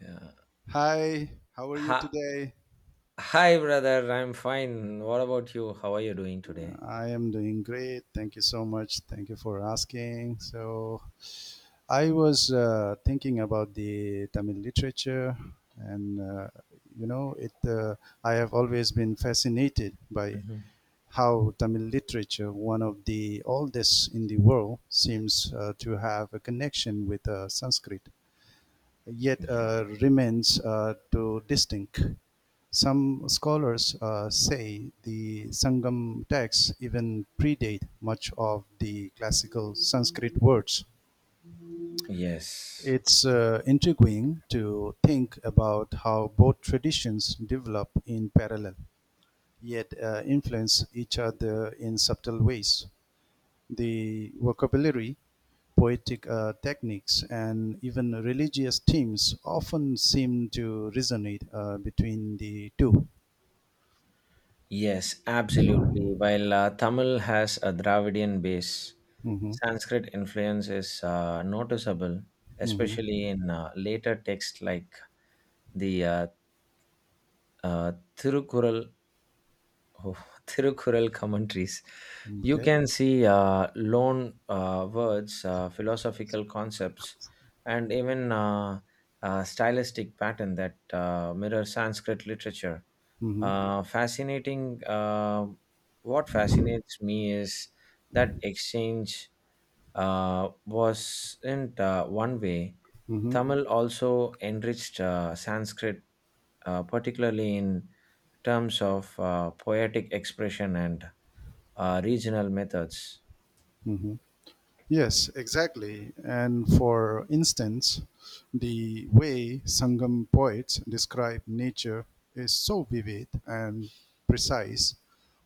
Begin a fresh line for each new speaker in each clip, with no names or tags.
Yeah.
Hi, how are you
Hi,
today?
hi, brother. I'm fine. What about you? How are you doing today?
I am doing great. Thank you so much. Thank you for asking. So, I was thinking about the Tamil literature, and you know, it. I have always been fascinated by
Hmm.
how Tamil literature, one of the oldest in the world, seems to have a connection with Sanskrit, yet
Yeah.
remains too distinct. Some scholars say the Sangam texts even predate much of the classical Sanskrit words.
Yes.
It's intriguing to think about how both traditions develop in parallel, yet influence each other in subtle ways. The vocabulary, poetic techniques, and even religious themes often seem to resonate between the two.
Yes, absolutely. While Tamil has a Dravidian base,
Mm-hmm.
Sanskrit influence is noticeable,
Mm-hmm.
especially in later texts like the ah, Thirukural O! Thirukkural commentaries. You
Okay.
can see uh, loan words, philosophical concepts, and even stylistic pattern that mirror Sanskrit literature.
Mm-hmm.
Fascinating. Uh, what fascinates me is that exchange wasn't one way.
Mm-hmm.
Tamil also enriched Sanskrit particularly in terms of poetic expression and regional methods.
Mm-hmm. Yes, exactly. And for instance, the way Sangam poets describe nature is so vivid and precise,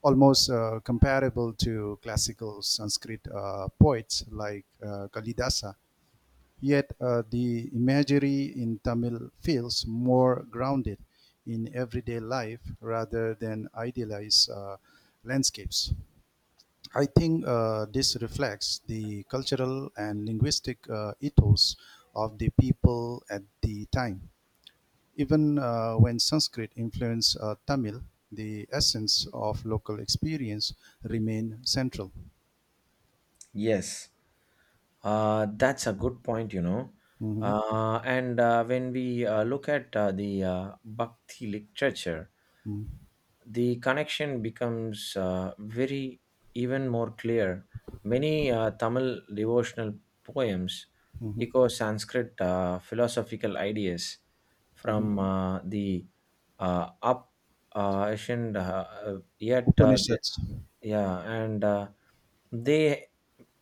almost comparable to classical Sanskrit poets like Kalidasa. Yet the imagery in Tamil feels more grounded in everyday life rather than idealized landscapes. I think this reflects the cultural and linguistic ethos of the people at the time. Even when Sanskrit influenced Tamil, the essence of local experience remained central.
Yes. That's a good point.
Mhm,
And when we look at the Bhakti literature,
mhm,
the connection becomes very even more clear. Many Tamil devotional poems
mhm,
echo Sanskrit philosophical ideas
mhm.
from the up Asian, yet the,
Upanishads.
yeah, and they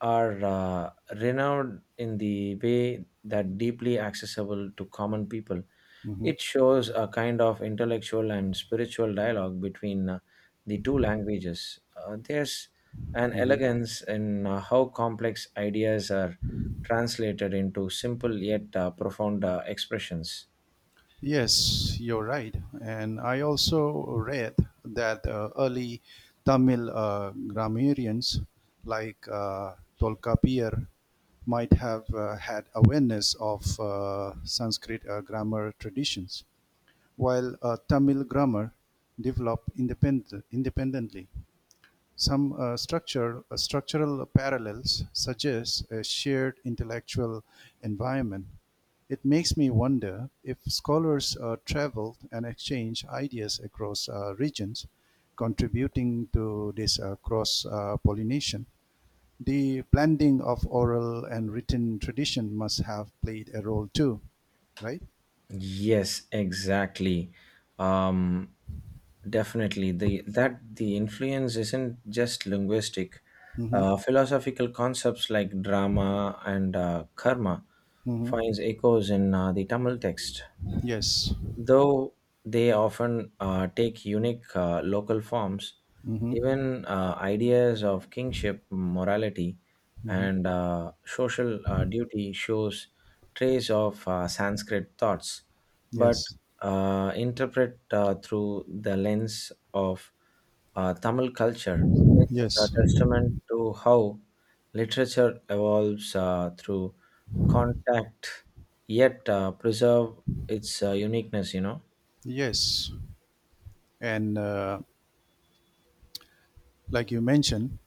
are renowned in the way that deeply accessible to common people.
Mhm,
It shows a kind of intellectual and spiritual dialogue between the two languages. There's an
mhm.
elegance in how complex ideas are translated into simple yet profound expressions.
Yes, you're right. And I also read that early Tamil grammarians like Tolkapir might have had awareness of Sanskrit grammar traditions, while Tamil grammar developed independently. Some structural parallels suggest a shared intellectual environment. It makes me wonder if scholars travel and exchange ideas across regions, contributing to this cross pollination. The blending of oral and written tradition must have played a role too, right?
Yes, exactly. Um, Definitely, the influence isn't just linguistic.
Mm-hmm.
Philosophical concepts like drama and karma
Mm-hmm.
finds echoes in the Tamil text,
Yes.
though they often take unique local forms,
Mm-hmm.
even ideas of kingship, morality,
Mm-hmm.
and social duty shows trace of Sanskrit thoughts, but
Yes.
interpret through the lens of Tamil culture. It's a
Yes.
testament to how literature evolves through contact, yet preserve its uniqueness.
Yes. And like you mentioned,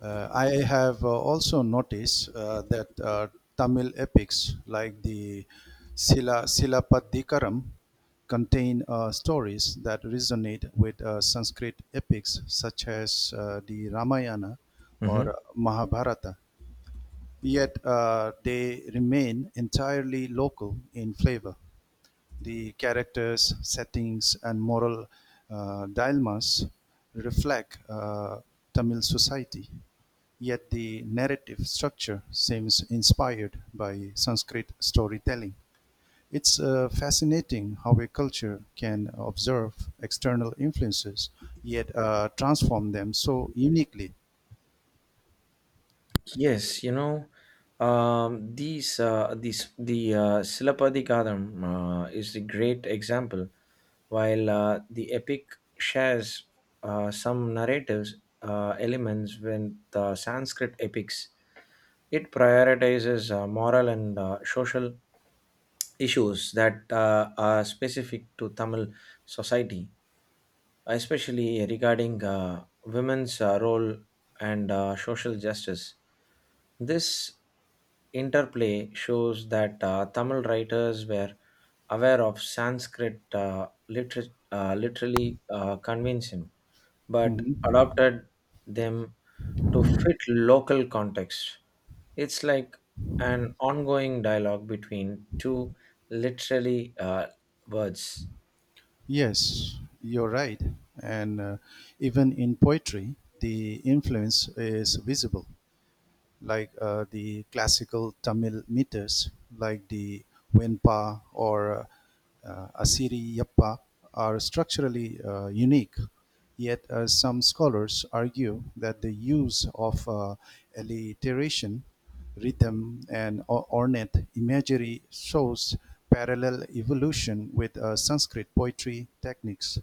I have also noticed that Tamil epics like the Silapadikaram contain stories that resonate with Sanskrit epics such as the Ramayana
Mhm.
or Mahabharata, yet they remain entirely local in flavor. The characters, settings, and moral dilemmas reflect Tamil society, yet the narrative structure seems inspired by Sanskrit storytelling. It's fascinating how a culture can observe external influences yet transform them so uniquely.
Yes, you know, these the Silapadikadam is a great example, while the epic shares some narratives elements with the Sanskrit epics. It prioritizes moral and social issues that are specific to Tamil society, especially regarding women's role and social justice. This interplay shows that Tamil writers were aware of Sanskrit literally convention, but
Mhm.
adopted them to fit local context. It's like an ongoing dialogue between two literally words.
Yes, you're right. And even in poetry, the influence is visible, like the classical Tamil meters, like the Venpa or Asiriyappa, are structurally unique. Yet, some scholars argue that the use of alliteration, rhythm, and ornate imagery shows parallel evolution with Sanskrit poetry techniques.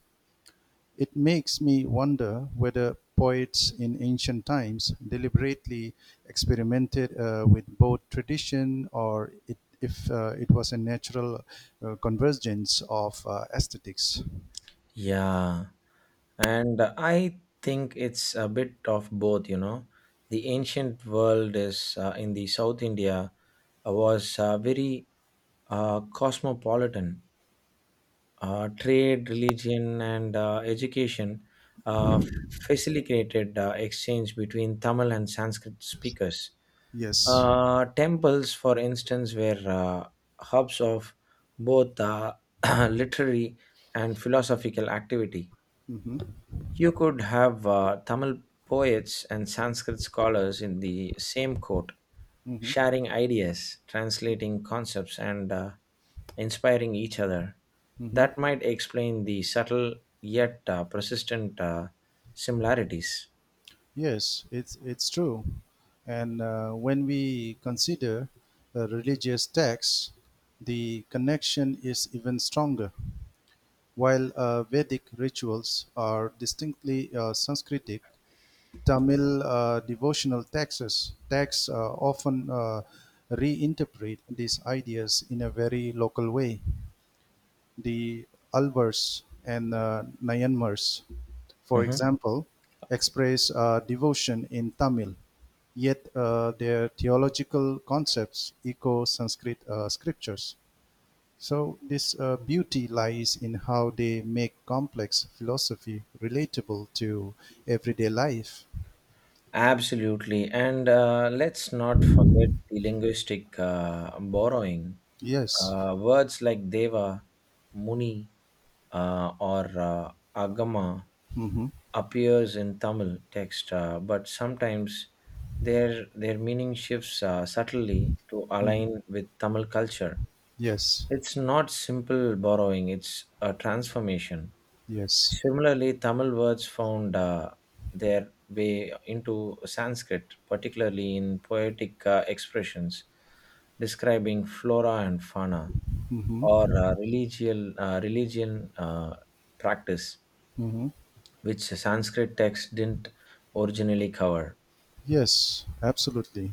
It makes me wonder whether poets in ancient times deliberately experimented with both tradition or it, if it was a natural convergence of aesthetics.
Yeah, and I think it's a bit of both, you know. The ancient world is in the South India was very cosmopolitan. Trade, religion, and education uh, facilitated exchange between Tamil and Sanskrit speakers.
Yes.
Temples, for instance, were hubs of both literary and philosophical activity.
Hmm.
You could have Tamil poets and Sanskrit scholars in the same court,
Hmm.
sharing ideas, translating concepts, and inspiring each other.
Hmm.
That might explain the subtle yet persistent similarities.
Yes, it's true. And when we consider religious texts, the connection is even stronger. While Vedic rituals are distinctly Sanskritic, Tamil devotional texts often reinterpret these ideas in a very local way. The Alvars and Nayanmars, for
Mhm.
example, express devotion in Tamil, yet their theological concepts echo Sanskrit scriptures. So this beauty lies in how they make complex philosophy relatable to everyday life.
Absolutely. And let's not forget the linguistic borrowing.
Yes.
Words like deva, muni, or agama
Mm-hmm.
appears in Tamil text, but sometimes their meaning shifts subtly to
Hmm.
align with Tamil culture.
Yes.
It's not simple borrowing, it's a transformation.
Yes.
Similarly, Tamil words found their way into Sanskrit, particularly in poetic expressions describing flora and fauna or
Mm-hmm.
religion practice,
Mm-hmm.
which Sanskrit texts didn't originally cover.
Yes. Absolutely.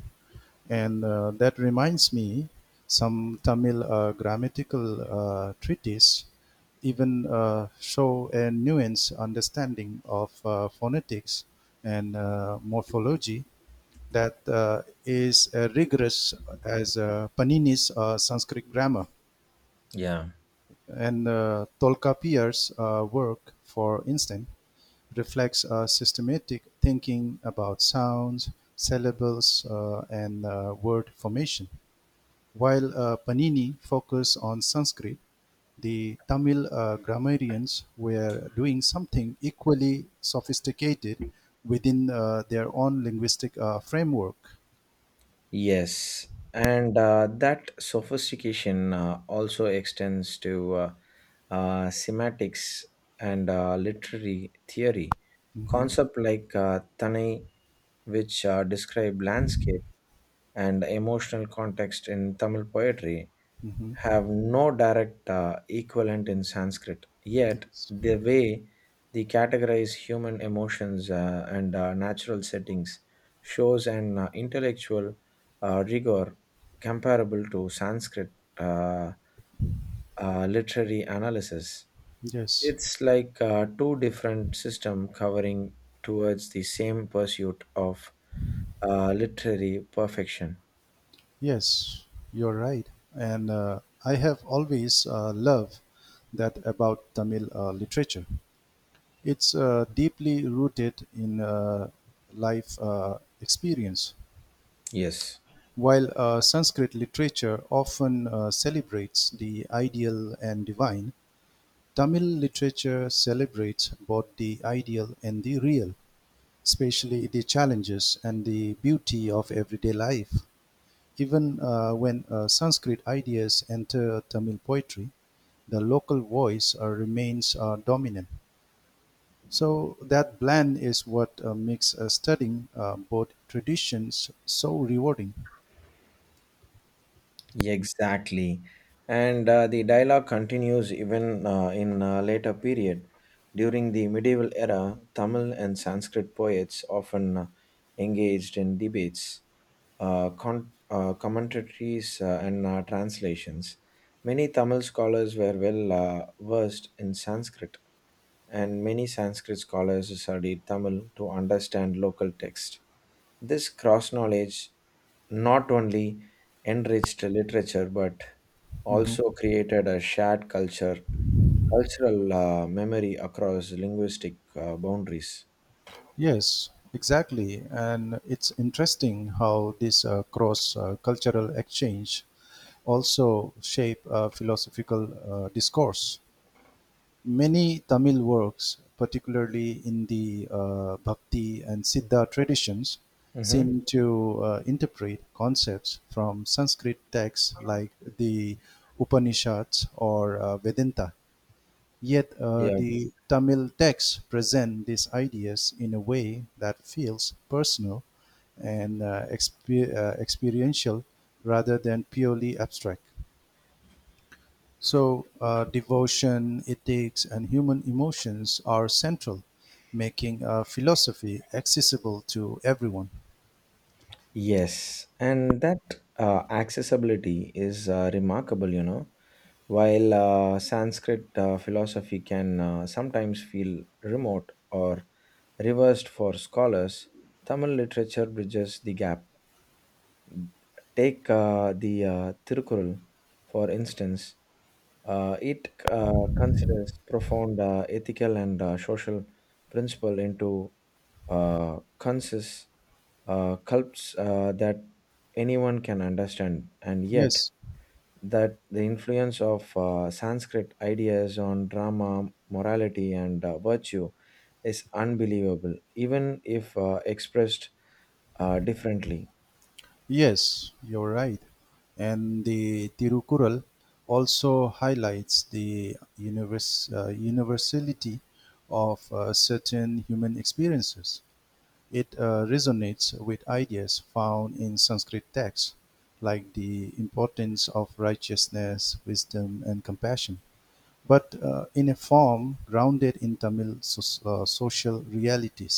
And that reminds me, some Tamil grammatical treatise even show a nuanced understanding of phonetics and morphology that is rigorous as Panini's Sanskrit grammar.
Yeah.
And Tolkappiyar's work, for instance, reflects systematic thinking about sounds, syllables, and word formation. While Panini focused on Sanskrit, the Tamil grammarians were doing something equally sophisticated within their own linguistic framework.
Yes, and that sophistication also extends to semantics and literary theory.
Hmm.
Concept like Tanai, which describe landscape and emotional context in Tamil poetry,
Hmm.
have no direct equivalent in Sanskrit. Yet,
Yes,
the way they categorize human emotions and natural settings shows an intellectual rigor comparable to Sanskrit uh, literary analysis.
yes,
It's like two different system covering towards the same pursuit of literary perfection.
yes, you're right. And I have always loved that about Tamil literature. It's deeply rooted in life experience.
Yes.
While Sanskrit literature often celebrates the ideal and divine, Tamil literature celebrates both the ideal and the real, especially the challenges and the beauty of everyday life. Even when Sanskrit ideas enter Tamil poetry, the local voice remains dominant. So that blend is what makes studying both traditions so rewarding.
Yeah, exactly. And the dialogue continues even in a later period. During the medieval era, Tamil and Sanskrit poets often engaged in debates, commentaries, and translations. Many Tamil scholars were well versed in Sanskrit and many Sanskrit scholars studied Tamil to understand local text. This cross knowledge not only enriched literature but
Mhm.
also created a shared culture, cultural memory across linguistic boundaries.
Yes, exactly. And it's interesting how this cross cultural exchange also shape philosophical discourse. Many Tamil works, particularly in the Bhakti and Siddha traditions,
Mhm.
seem to interpret concepts from Sanskrit texts like the Upanishads or Vedanta. Yet
Yeah,
the Tamil texts present these ideas in a way that feels personal and experiential rather than purely abstract. So, devotion, ethics, and human emotions are central, making philosophy accessible to everyone.
yes, and that accessibility is remarkable, you know. While Sanskrit philosophy can sometimes feel remote or reversed for scholars, Tamil literature bridges the gap. Take the Tirukkural, for instance. It considers profound ethical and social principle into conscious cults that anyone can understand, and yet
Yes.
that the influence of Sanskrit ideas on drama, morality, and virtue is unbelievable, even if expressed differently.
Yes, you're right. And the Tirukural also highlights the universality of certain human experiences. It resonates with ideas found in Sanskrit texts, like the importance of righteousness, wisdom, and compassion, but in a form grounded in Tamil social realities.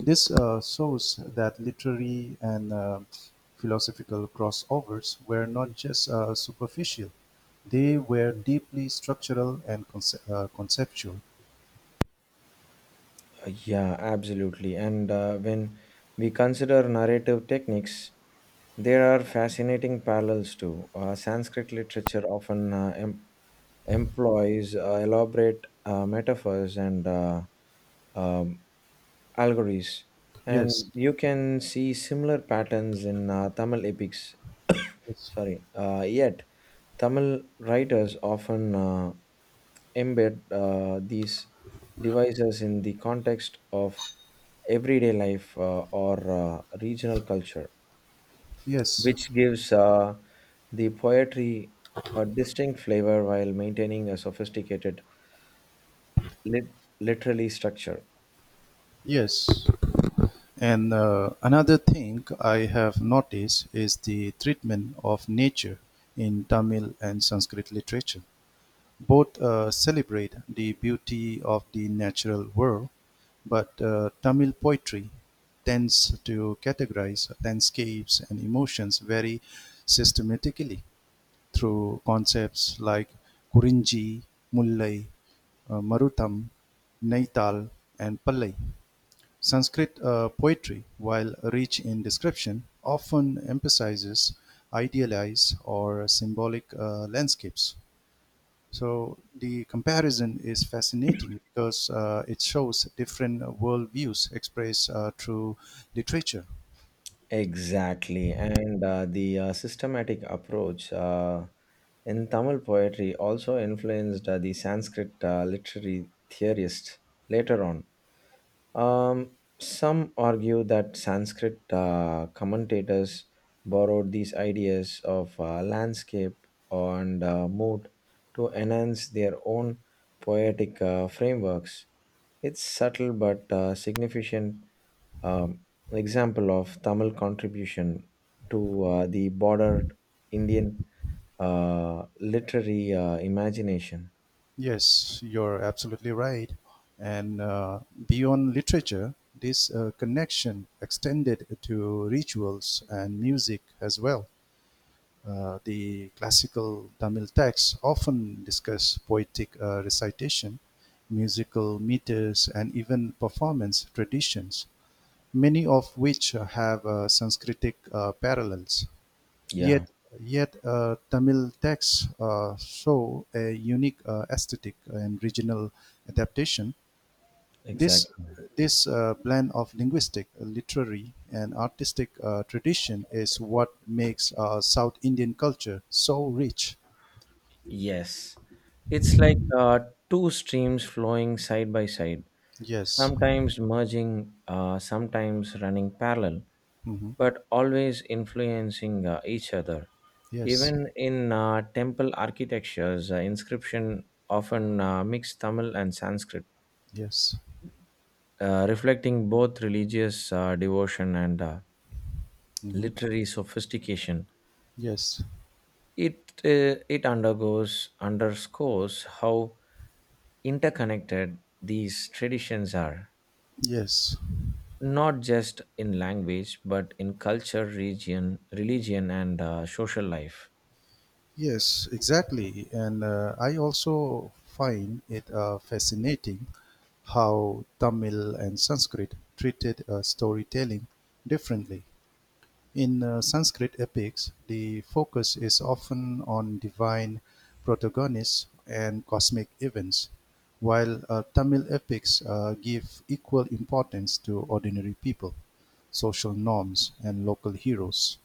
This shows that literary and philosophical crossovers were not just superficial, they were deeply structural and conceptual.
Yeah, absolutely. And when we consider narrative techniques, there are fascinating parallels too. Sanskrit literature often employs elaborate metaphors and um, allegories, and
Yes,
you can see similar patterns in Tamil epics.
yes,
Sorry, yet Tamil writers often embed these devices in the context of everyday life or regional culture,
yes,
which gives the poetry a distinct flavor while maintaining a sophisticated literary structure.
yes. And another thing I have noticed is the treatment of nature in Tamil and Sanskrit literature. Both celebrate the beauty of the natural world, but Tamil poetry tends to categorize landscapes and emotions very systematically through concepts like Kurinji, Mullai, Marutham, Naital, and Pallai. Sanskrit poetry, while rich in description, often emphasizes idealized or symbolic landscapes. So the comparison is fascinating because it shows different worldviews expressed through literature.
Exactly, and the systematic approach in Tamil poetry also influenced the Sanskrit literary theorists later on. Some argue that Sanskrit commentators borrowed these ideas of landscape and mood to enhance their own poetic frameworks. It's subtle but significant, an example of Tamil contribution to the broader Indian literary imagination.
Yes, you're absolutely right. And beyond literature, this connection extended to rituals and music as well. The classical Tamil texts often discuss poetic recitation, musical meters, and even performance traditions, many of which have Sanskritic parallels.
Yeah,
Yet, yet Tamil texts show a unique aesthetic and regional adaptation. This
exactly.
this blend of linguistic, literary, and artistic tradition is what makes South Indian culture so rich.
Yes, it's like two streams flowing side by side,
Yes.
sometimes merging, sometimes running parallel,
Hmm.
but always influencing each other.
Yes.
Even in temple architectures, inscription often mix Tamil and Sanskrit,
Yes.
reflecting both religious devotion and
Hmm.
literary sophistication.
Yes.
It undergoes underscores how interconnected these traditions are,
Yes.
not just in language but in culture, region, religion, and social life.
Yes, exactly. And I also find it fascinating how Tamil and Sanskrit treated storytelling differently. In Sanskrit epics, the focus is often on divine protagonists and cosmic events, while Tamil epics give equal importance to ordinary people, social norms, and local heroes.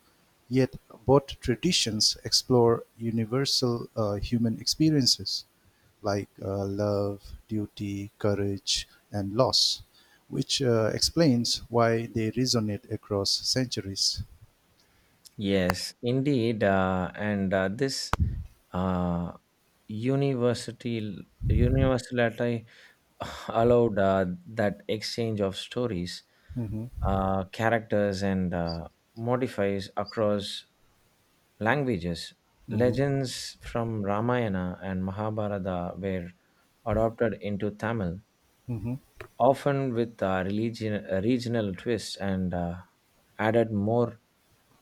Yet, both traditions explore universal human experiences like love, duty, courage, and loss, which explains why they resonate across centuries.
Yes, indeed, and this uh, university universality allowed that exchange of stories,
Mm-hmm.
characters, and modifies across languages.
Mm-hmm.
Legends from Ramayana and Mahabharata were adopted into Tamil,
Mm-hmm.
often with regional twists and added more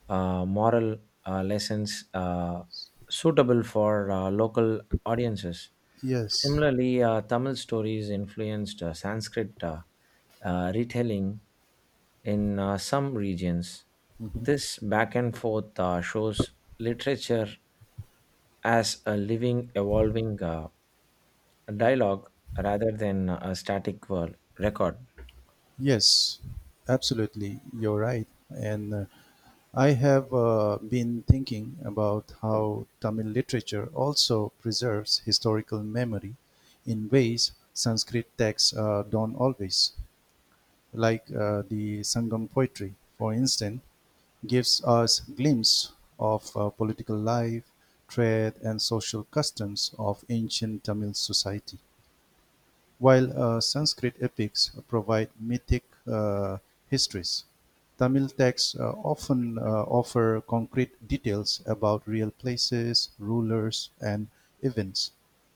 moral lessons suitable for local audiences.
Yes.
Similarly, Tamil stories influenced Sanskrit retelling in some regions.
Mm-hmm.
This back and forth shows literature as a living, evolving dialogue rather than a static world record.
Yes. Absolutely. You're right. And I have been thinking about how Tamil literature also preserves historical memory in ways Sanskrit texts don't always. Like the Sangam poetry, for instance, gives us glimpse of political life, trade, and social customs of ancient Tamil society. While Sanskrit epics provide mythic histories, Tamil texts often offer concrete details about real places, rulers, and events.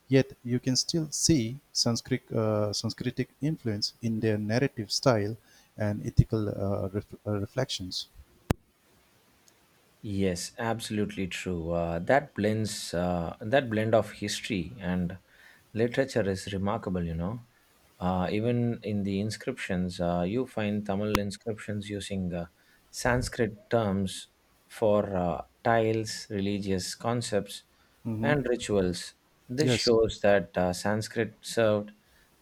Yet you can still see Sanskritic influence in their narrative style and ethical reflections.
Yes, absolutely true. That blend of history and literature is remarkable. You know, even in the inscriptions, you find Tamil inscriptions using Sanskrit terms for tiles, religious concepts,
Mhm.
and rituals. This
Yes.
shows that Sanskrit served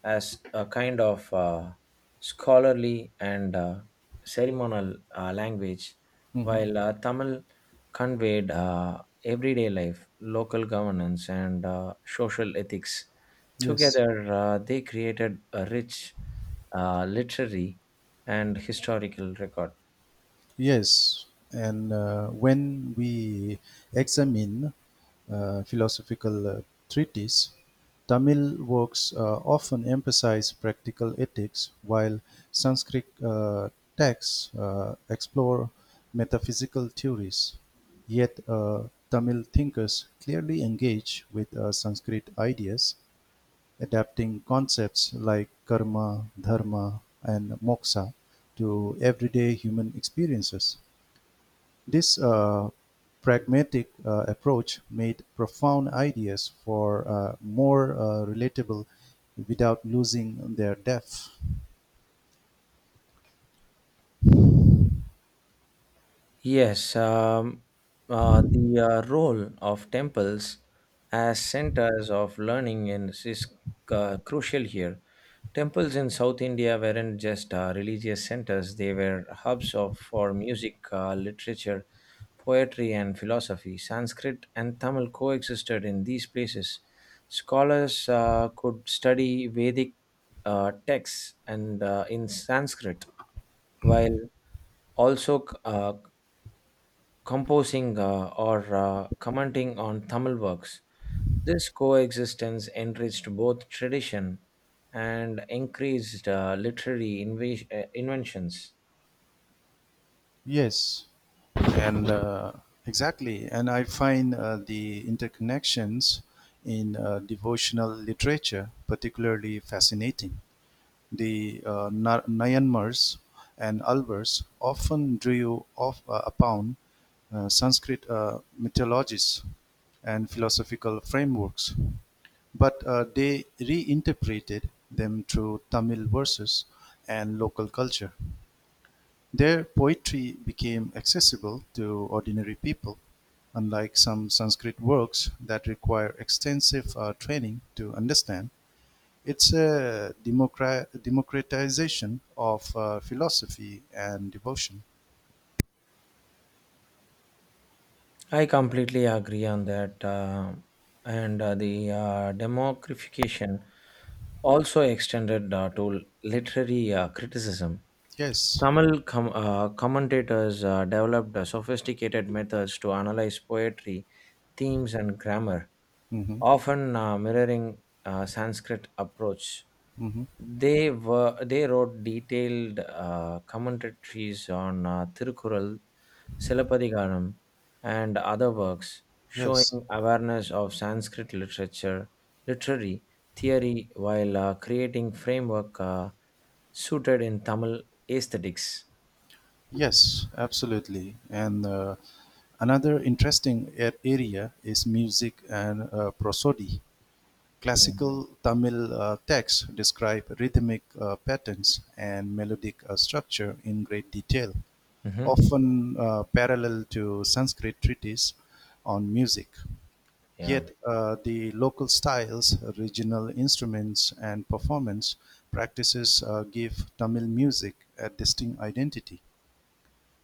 as a kind of scholarly and ceremonial language,
Mhm.
while Tamil conveyed everyday life, local governance, and social ethics.
Yes.
Together, they created a rich literary and historical record.
Yes, and when we examine philosophical treatises, Tamil works often emphasize practical ethics, while Sanskrit texts explore metaphysical theories. Yet, Tamil thinkers clearly engage with Sanskrit ideas, adapting concepts like karma, dharma, and moksha to everyday human experiences. This pragmatic approach made profound ideas for more relatable without losing their depth.
Yes, the role of temples as centers of learning and is crucial here. Temples in South India weren't just religious centers; they were hubs of for music, literature, poetry, and philosophy. Sanskrit and Tamil coexisted in these places. Scholars could study Vedic texts and in Sanskrit while also composing or commenting on Tamil works. This coexistence enriched both tradition and increased literary inventions.
Yes, and exactly, and I find the interconnections in devotional literature particularly fascinating. The Nayanmars and Alvars often drew upon Sanskrit mythologies and philosophical frameworks, but they reinterpreted them through Tamil verses and local culture. Their poetry became accessible to ordinary people, unlike some Sanskrit works that require extensive training to understand. It's a democratization of philosophy and devotion.
I completely agree on that. And the democratification also extended to literary criticism.
Yes.
Tamil commentators developed sophisticated methods to analyze poetry, themes, and grammar,
Hmm.
often mirroring Sanskrit approach.
Hmm.
They wrote detailed commentaries on Tirukkural, Silappadigaram, and other works,
Yes.
showing awareness of Sanskrit literature, literary theory, while creating framework suited in Tamil aesthetics.
Yes, absolutely. And another interesting area is music and prosody.
Mm.
Classical Tamil texts describe rhythmic patterns and melodic structure in great detail,
Mhm.
often parallel to Sanskrit treatises on music.
Yeah.
Yet the local styles, regional instruments, and performance practices give Tamil music a distinct identity.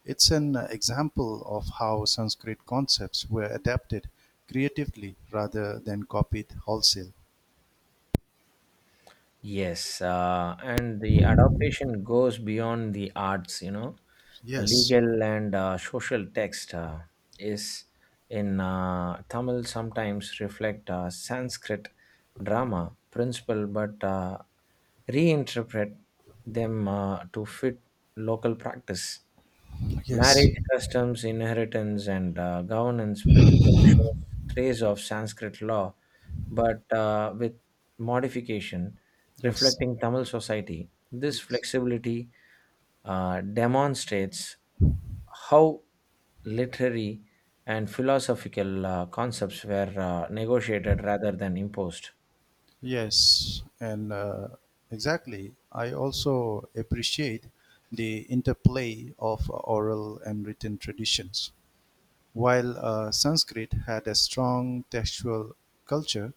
It's an example of how Sanskrit concepts were adapted creatively rather than copied wholesale.
Yes, and the adaptation goes beyond the arts, you know. A
Yes,
legal and social text is in Tamil sometimes reflect Sanskrit drama principle, but reinterpret them to fit local practice.
yes,
Marriage customs, inheritance, and governance principle shows trace of Sanskrit law, but with modification
yes,
reflecting Tamil society. This
yes,
flexibility demonstrates how literary and philosophical concepts were negotiated rather than imposed.
yes, and exactly. I also appreciate the interplay of oral and written traditions. While Sanskrit had a strong textual culture,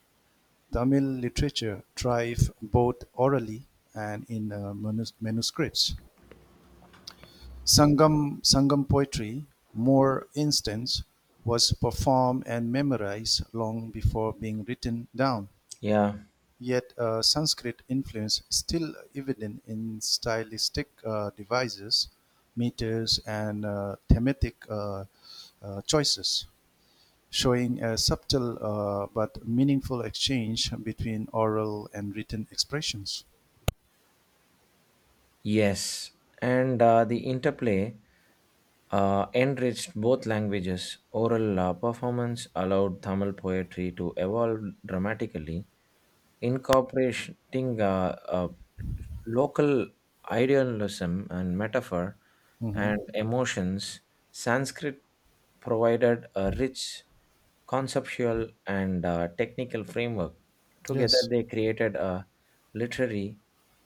Tamil literature thrived both orally and in manuscripts. Sangam poetry, more instance, was performed and memorized long before being written down.
Yeah,
Yet Sanskrit influence is still evident in stylistic devices, meters, and thematic choices, showing a subtle but meaningful exchange between oral and written expressions.
yes. And the interplay enriched both languages. Oral performance allowed Tamil poetry to evolve dramatically, incorporating local idealism and metaphor
Hmm.
and emotions, Sanskrit provided a rich conceptual and technical framework. Together,
Yes,
they created a literary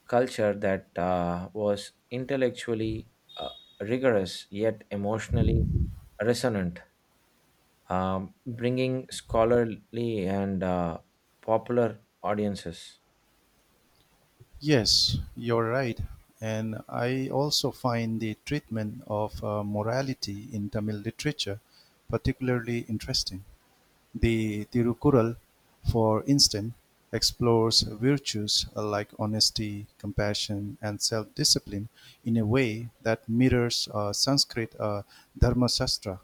culture that was intellectually uh, rigorous yet emotionally resonant, bringing scholarly and popular audiences.
yes, you're right. And I also find the treatment of morality in Tamil literature particularly interesting. The Tirukural, for instance, explores virtues like honesty, compassion, and self-discipline in a way that mirrors Sanskrit Dharmasastra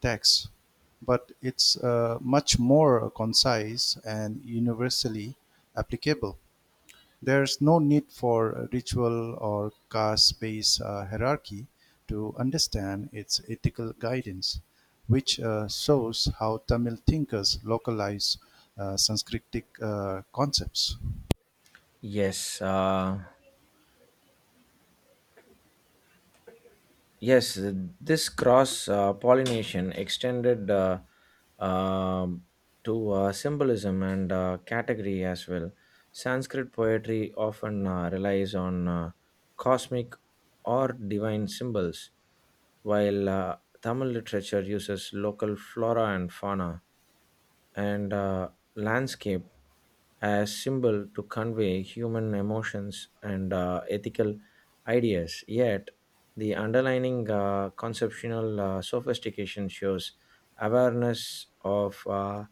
texts, but it's much more concise and universally applicable. There's no need for ritual or caste based hierarchy to understand its ethical guidance, which shows how Tamil thinkers localize Sanskritic concepts.
Yes, yes, this cross pollination extended um to symbolism and category as well. Sanskrit poetry often relies on cosmic or divine symbols, while Tamil literature uses local flora and fauna and landscape as symbol to convey human emotions and ethical ideas, yet the underlining conceptual sophistication shows awareness of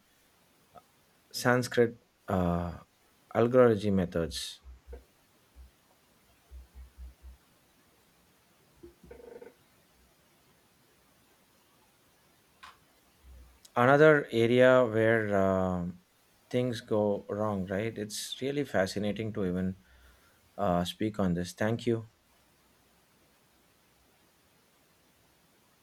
sanskrit uh, algorithm methods. Another area where things go wrong, right? It's really fascinating to even speak on this. Thank you.